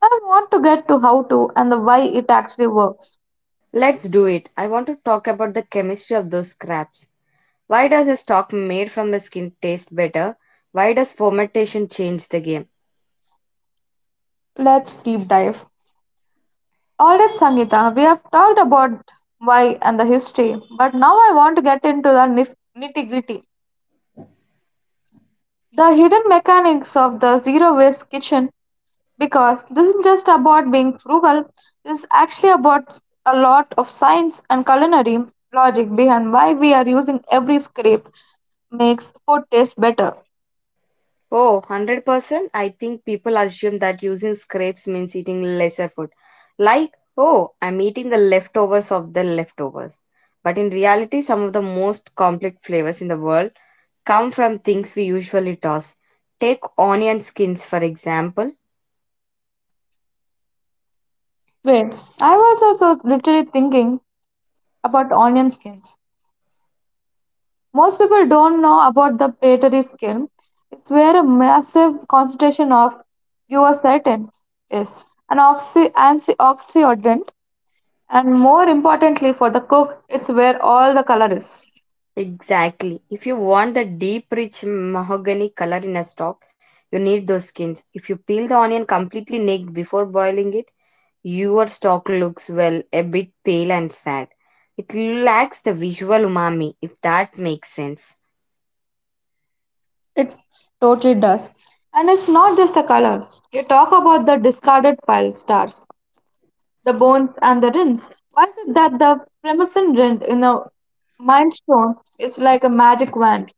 B: I want to get to how to and the why it actually works.
A: Let's do it. I want to talk about the chemistry of those scraps. Why does a stock made from the skin taste better? Why does fermentation change the game?
B: Let's deep dive. Alright, Sangeeta, we have talked about why and the history, but now I want to get into the nitty gritty. The hidden mechanics of the zero waste kitchen because this is just about being frugal. This is actually about a lot of science and culinary logic behind why we are using every scrape makes food taste better.
A: Oh, 100%. I think people assume that using scrapes means eating lesser food. Like, oh, I'm eating the leftovers of the leftovers. But in reality, some of the most complex flavors in the world come from things we usually toss. Take onion skins, for example.
B: Wait, I was also literally thinking about onion skins. Most people don't know about the patelary skin. It's where a massive concentration of quercetin is, an antioxidant, and more importantly for the cook, it's where all the color is.
A: Exactly. If you want the deep, rich mahogany color in a stock, you need those skins. If you peel the onion completely naked before boiling it, your stock looks, well, a bit pale and sad. It lacks the visual umami, if that makes sense.
B: It totally does. And it's not just the color. You talk about the discarded pile stars, the bones, and the rings. Why is it that the Premison ring in a mindstone is like a magic wand?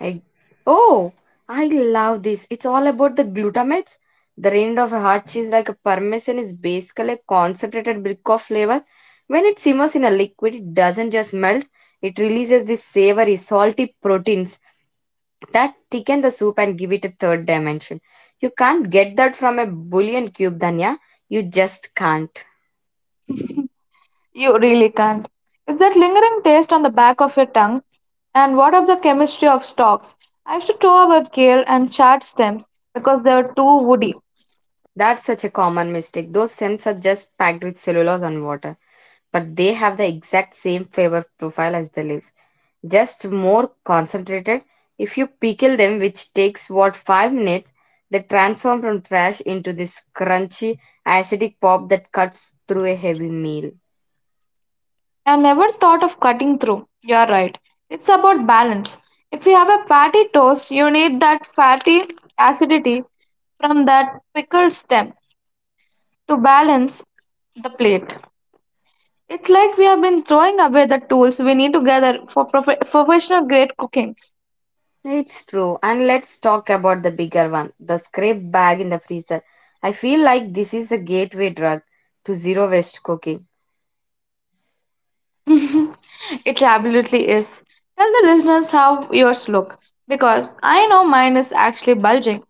A: I oh, I love this. It's all about the glutamates. The rind of a hard cheese like a parmesan is basically a concentrated brick of flavor. When it simmers in a liquid, it doesn't just melt. It releases these savory, salty proteins that thicken the soup and give it a third dimension. You can't get that from a bouillon cube, Danya. You just can't.
B: You really can't. It's that lingering taste on the back of your tongue. And what of the chemistry of stalks? I used to throw away kale and chard stems because they were too woody.
A: That's such a common mistake. Those stems are just packed with cellulose and water, but they have the exact same flavor profile as the leaves, just more concentrated. If you pickle them, which takes what, 5 minutes, they transform from trash into this crunchy, acidic pop that cuts through a heavy meal.
B: I never thought of cutting through. You're right. It's about balance. If you have a fatty toast, you need that fatty acidity from that pickled stem to balance the plate. It's like we have been throwing away the tools we need to gather for professional grade cooking.
A: It's true. And let's talk about the bigger one, the scrape bag in the freezer. I feel like this is a gateway drug to zero waste cooking.
B: It absolutely is. Tell the listeners how yours look because I know mine is actually bulging.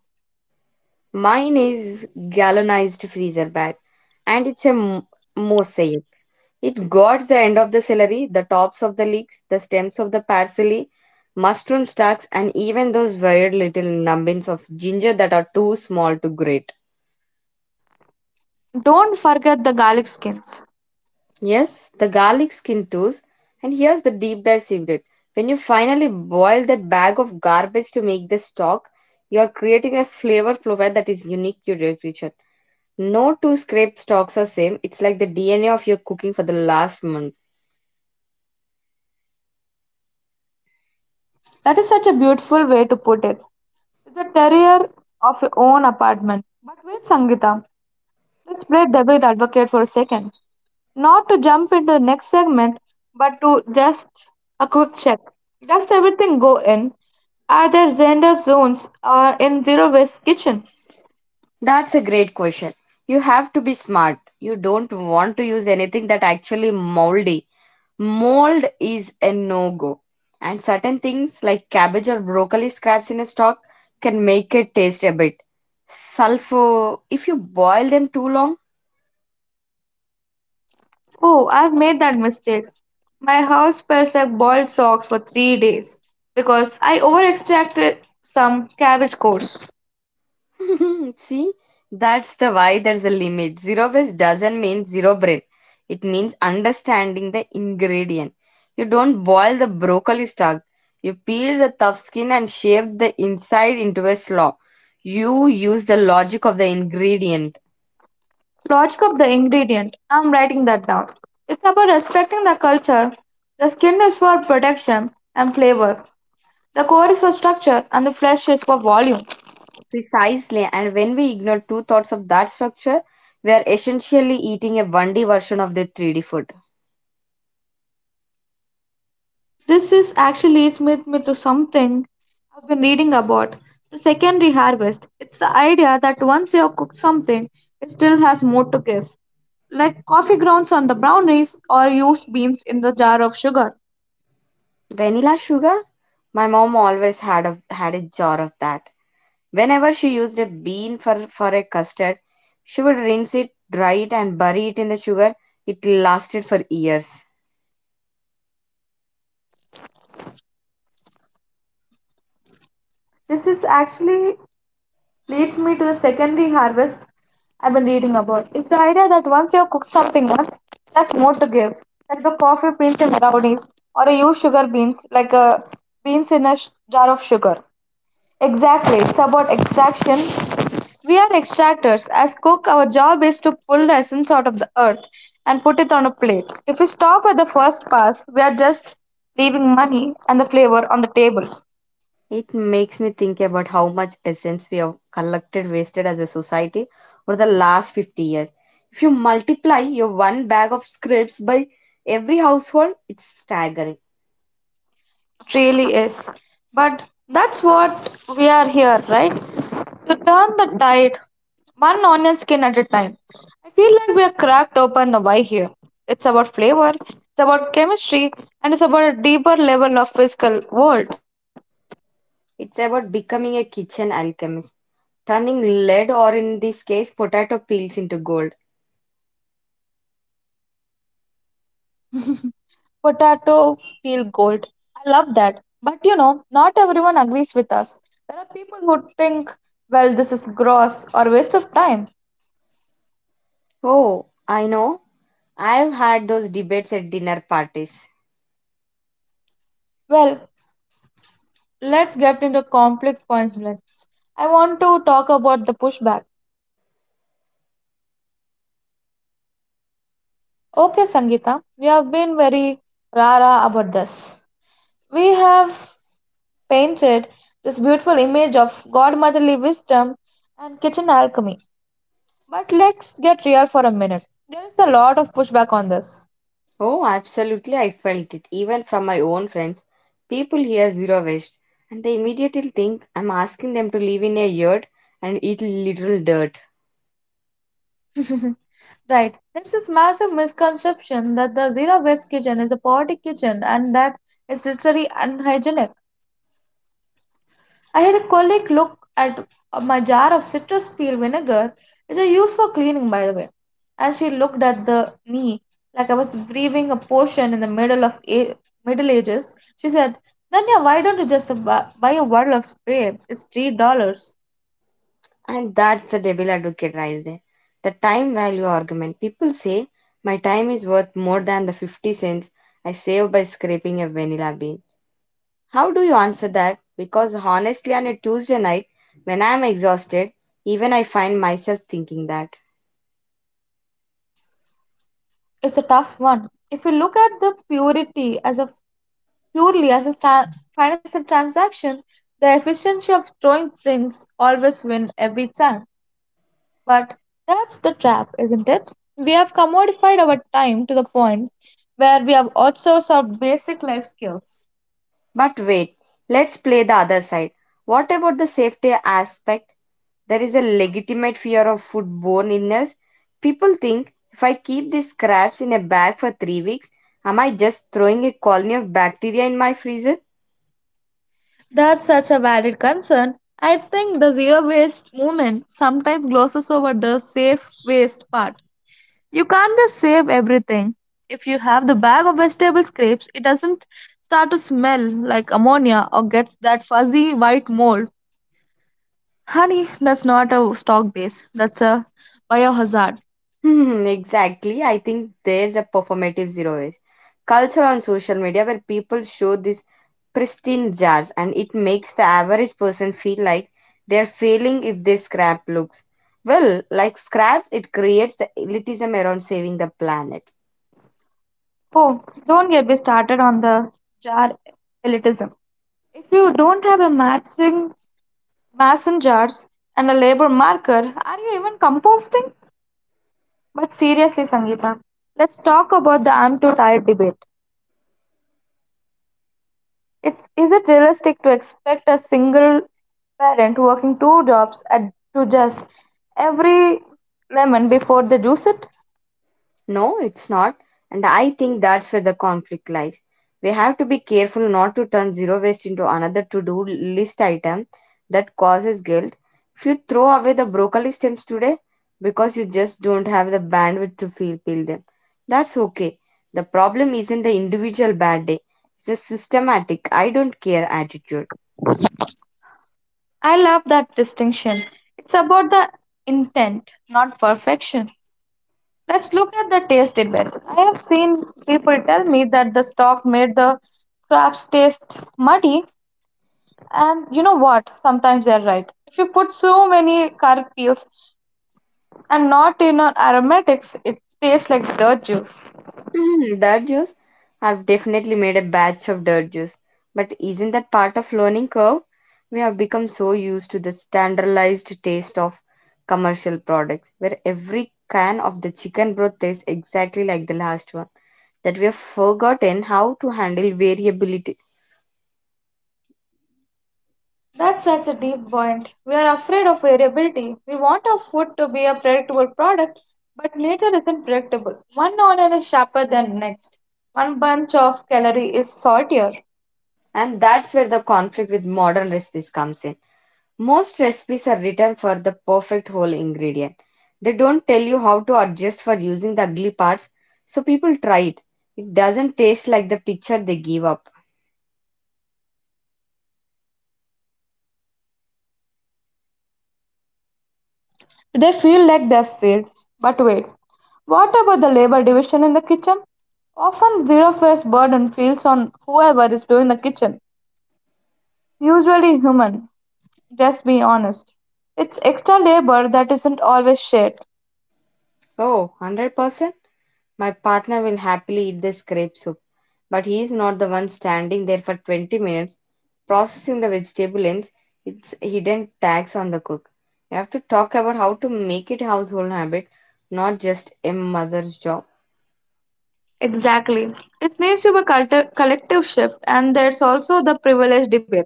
A: Mine is galvanized freezer bag, and it's a mosaic. It guards the end of the celery, the tops of the leeks, the stems of the parsley, mushroom stalks, and even those weird little nubbins of ginger that are too small to grate.
B: Don't forget the garlic skins.
A: Yes, the garlic skin tools. And here's the deep dive secret. When you finally boil that bag of garbage to make this stock, you are creating a flavor profile that is unique to your kitchen. No two scraped stocks are same. It's like the DNA of your cooking for the last month.
B: That is such a beautiful way to put it. It's a terrier of your own apartment. But wait, Sangita, let's play devil advocate for a second. Not to jump into the next segment, but to just a quick check. Does everything go in? Are there gender zones or in zero waste kitchen?
A: That's a great question. You have to be smart. You don't want to use anything that actually moldy. Mold is a no go. And certain things like cabbage or broccoli scraps in a stock can make it taste a bit sulfur if you boil them too long.
B: Oh, I've made that mistake. My house smells like boiled socks for 3 days because I overextracted some cabbage core.
A: See, that's the why there's a limit. Zero waste doesn't mean zero brain. It means understanding the ingredient. You don't boil the broccoli stalk. You peel the tough skin and shape the inside into a slaw. You use the logic of the ingredient.
B: Logic of the ingredient. I'm writing that down. It's about respecting the culture. The skin is for protection and flavor. The core is for structure and the flesh is for volume.
A: Precisely, and when we ignore two thoughts of that structure, we are essentially eating a 1D version of the 3D food.
B: This is actually leads me to something I've been reading about. The secondary harvest. It's the idea that once you have cooked something, it still has more to give like coffee grounds on the brownies or used beans in the jar of sugar.
A: Vanilla sugar? My mom always had a jar of that. Whenever she used a bean for a custard, she would rinse it, dry it, and bury it in the sugar. It lasted for years.
B: This is actually leads me to the secondary harvest I've been reading about. It's the idea that once you've cooked something once, there's more to give, like the coffee beans in brownies, or a used sugar beans, like a beans in a jar of sugar. Exactly, it's about extraction. We are extractors. As cook, our job is to pull the essence out of the earth and put it on a plate. If we stop at the first pass, we are just leaving money and the flavor on the table.
A: It makes me think about how much essence we have collected, wasted as a society over the last 50 years. If you multiply your one bag of scraps by every household, it's staggering.
B: It really is. But that's what we are here, right? To turn the tide one onion skin at a time. I feel like we are cracked open the why here. It's about flavor, it's about chemistry, and it's about a deeper level of physical world.
A: It's about becoming a kitchen alchemist, turning lead or, in this case, potato peels into gold.
B: Potato peel gold. I love that. But you know, not everyone agrees with us. There are people who think, well, this is gross or waste of time.
A: Oh, I know. I've had those debates at dinner parties.
B: Well, let's get into conflict points next. I want to talk about the pushback. Okay, Sangeeta, we have been very rara about this. We have painted this beautiful image of godmotherly wisdom and kitchen alchemy. But let's get real for a minute. There is a lot of pushback on this.
A: Oh, absolutely, I felt it. Even from my own friends, people hear zero waste and they immediately think I'm asking them to live in a yurt and eat literal dirt.
B: Right. There's this massive misconception that the zero waste kitchen is a poverty kitchen and that it's literally unhygienic. I had a colleague look at my jar of citrus peel vinegar, which I use for cleaning, by the way, and she looked at the me like I was breathing a potion in the middle of a- Middle Ages. She said, "Danya, why don't you just buy a bottle of spray? It's $3."
A: And that's the devil advocate right there. The time value argument. People say my time is worth more than the 50¢ I save by scraping a vanilla bean. How do you answer that? Because honestly, on a Tuesday night, when I am exhausted, even I find myself thinking that.
B: It's a tough one. If you look at the purity as a purely as a financial transaction, the efficiency of throwing things always win every time. But that's the trap, isn't it? We have commodified our time to the point where we have outsourced our basic life skills.
A: But wait, let's play the other side. What about the safety aspect? There is a legitimate fear of foodborne illness. People think if I keep these scraps in a bag for 3 weeks, am I just throwing a colony of bacteria in my freezer?
B: That's such a valid concern. I think the zero waste movement sometimes glosses over the safe waste part. You can't just save everything. If you have the bag of vegetable scraps, it doesn't start to smell like ammonia or gets that fuzzy white mold. Honey, that's not a stock base, that's a biohazard.
A: Hmm, exactly. I think there's a performative zero waste culture on social media where people show these pristine jars and it makes the average person feel like they're failing if they scrap looks, well, like scraps. It creates the elitism around saving the planet.
B: Oh, don't get me started on the jar elitism. If you don't have a matching mason jars and a labor marker, are you even composting? But seriously, Sangeeta, let's talk about the I'm too tired debate. It's, is it realistic to expect a single parent working two jobs at, to just every lemon before they juice it?
A: No, it's not. And I think that's where the conflict lies. We have to be careful not to turn zero waste into another to do list item that causes guilt. If you throw away the broccoli stems today because you just don't have the bandwidth to feel peel them, that's okay. The problem isn't the individual bad day, it's a systematic, I don't care attitude.
B: I love that distinction. It's about the intent, not perfection. Let's look at the taste debate. I have seen people tell me that the stock made the crabs taste muddy, and you know what? Sometimes they're right. If you put so many carrot peels and not in on aromatics, it tastes like dirt juice.
A: Mm, dirt juice? I've definitely made a batch of dirt juice. But isn't that part of learning curve? We have become so used to the standardized taste of commercial products, where every can of the chicken broth tastes exactly like the last one, that we have forgotten how to handle variability.
B: That's such a deep point. We are afraid of variability. We want our food to be a predictable product, but nature isn't predictable. One onion is sharper than next. One bunch of celery is saltier.
A: And that's where the conflict with modern recipes comes in. Most recipes are written for the perfect whole ingredient. They don't tell you how to adjust for using the ugly parts, so people try it. It doesn't taste like the picture they give up.
B: They feel like they've failed. But wait, what about the labor division in the kitchen? Often, zero based burden feels on whoever is doing the kitchen, usually human. Just be honest. It's extra labor that isn't always shared.
A: Oh, 100%? My partner will happily eat this grape soup, but he is not the one standing there for 20 minutes processing the vegetable ends. It's hidden tax on the cook. You have to talk about how to make it household habit, not just a mother's job.
B: Exactly. It needs to be a collective shift, and there's also the privilege debate.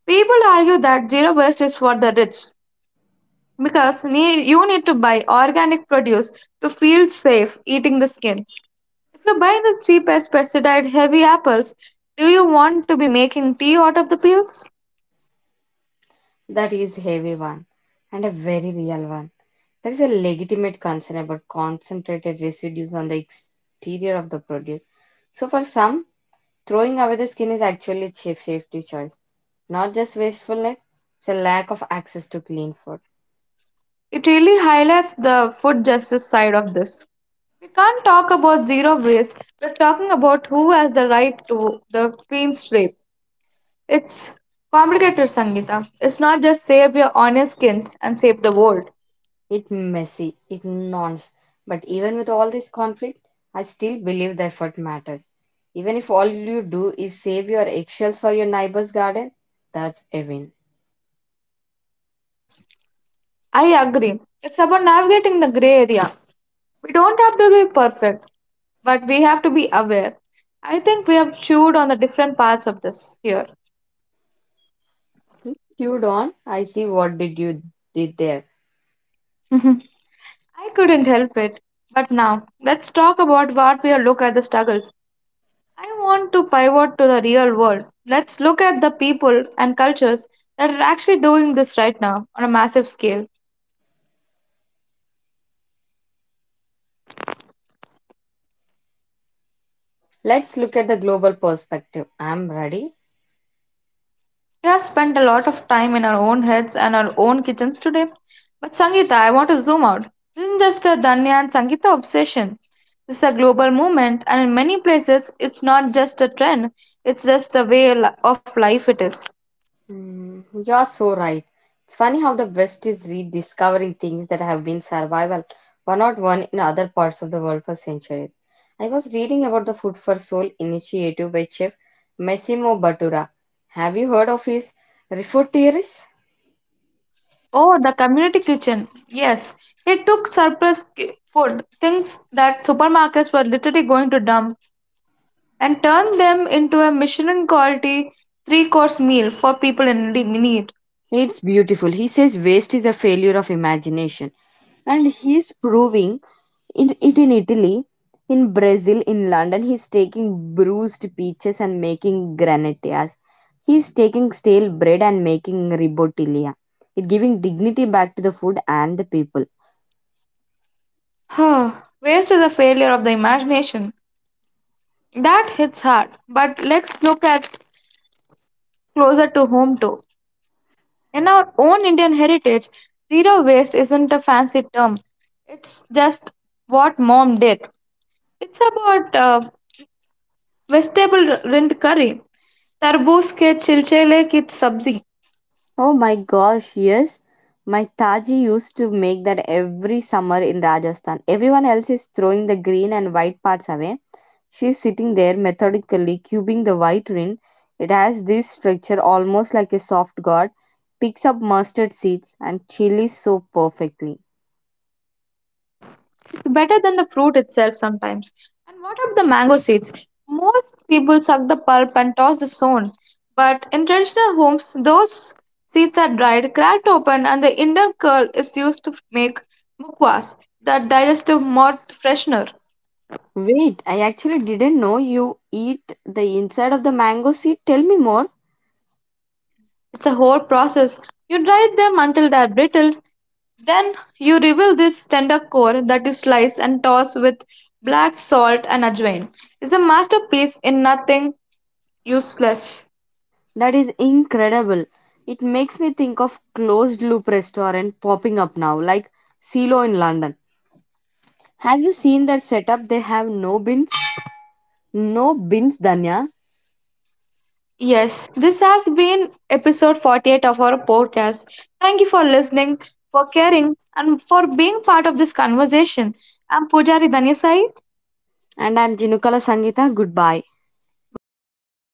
B: People argue that zero waste is for the rich, because you need to buy organic produce to feel safe eating the skins. If you buy the cheapest pesticide heavy apples, do you want to be making tea out of the peels?
A: That is heavy one and a very real one. There is a legitimate concern about concentrated residues on the exterior of the produce. So, for some, throwing away the skin is actually a safety choice, not just wastefulness, it's a lack of access to clean food.
B: It really highlights the food justice side of this. We can't talk about zero waste, we're talking about who has the right to the clean slate. It's complicated, Sangeeta. It's not just save your honest skins and save the world.
A: It's messy, it nonce. But even with all this conflict, I still believe the effort matters. Even if all you do is save your eggshells for your neighbor's garden, that's a win.
B: I agree. It's about navigating the gray area. We don't have to be perfect, but we have to be aware. I think we have chewed on the different parts of this here.
A: Chewed on, I see what did you did there.
B: I couldn't help it. But now, let's talk about what we look at the struggles. I want to pivot to the real world. Let's look at the people and cultures that are actually doing this right now on a massive scale.
A: Let's look at the global perspective. I'm ready.
B: We have spent a lot of time in our own heads and our own kitchens today. But Sangeeta, I want to zoom out. This isn't just a Danya and Sangeeta obsession. This is a global movement, and in many places, it's not just a trend, it's just the way of life it is.
A: Mm, you're so right. It's funny how the West is rediscovering things that have been survival, but not one in other parts of the world for centuries. I was reading about the Food for Soul initiative by Chef Massimo Bottura. Have you heard of his Refood Theories?
B: Oh, the community kitchen. Yes, it took surplus food, things that supermarkets were literally going to dump, and turned them into a Michelin quality three course meal for people in need.
A: It's beautiful. He says waste is a failure of imagination, and he's proving in it in Italy, in Brazil, in London, he's taking bruised peaches and making granatias. He's taking stale bread and making ribotilia. It giving dignity back to the food and the people.
B: Huh, waste is a failure of the imagination. That hits hard. But let's look at closer to home too. In our own Indian heritage, zero waste isn't a fancy term. It's just what mom did. It's about vegetable rind curry, tarboos ke chilchele ki sabzi.
A: Oh my gosh, yes. My Taji used to make that every summer in Rajasthan. Everyone else is throwing the green and white parts away. She's sitting there methodically cubing the white rind. It has this structure almost like a soft gourd, picks up mustard seeds and chilies so perfectly.
B: It's better than the fruit itself sometimes. And what of the mango seeds? Most people suck the pulp and toss the stone. But in traditional homes, those seeds are dried, cracked open, and the inner kernel is used to make mukwas, the digestive mouth freshener.
A: Wait, I actually didn't know you eat the inside of the mango seed. Tell me more.
B: It's a whole process. You dry them until they're brittle, then you reveal this tender core that you slice and toss with black salt and ajwain. It's a masterpiece in nothing useless.
A: That is incredible. It makes me think of closed loop restaurant popping up now, like Silo in London. Have you seen their setup? They have no bins. No bins, Danya.
B: Yes, this has been episode 48 of our podcast. Thank you for listening, for caring, and for being part of this conversation. I'm Pujari Dhanisai.
A: And I'm Jinukala Sangita. Goodbye.
B: Goodbye.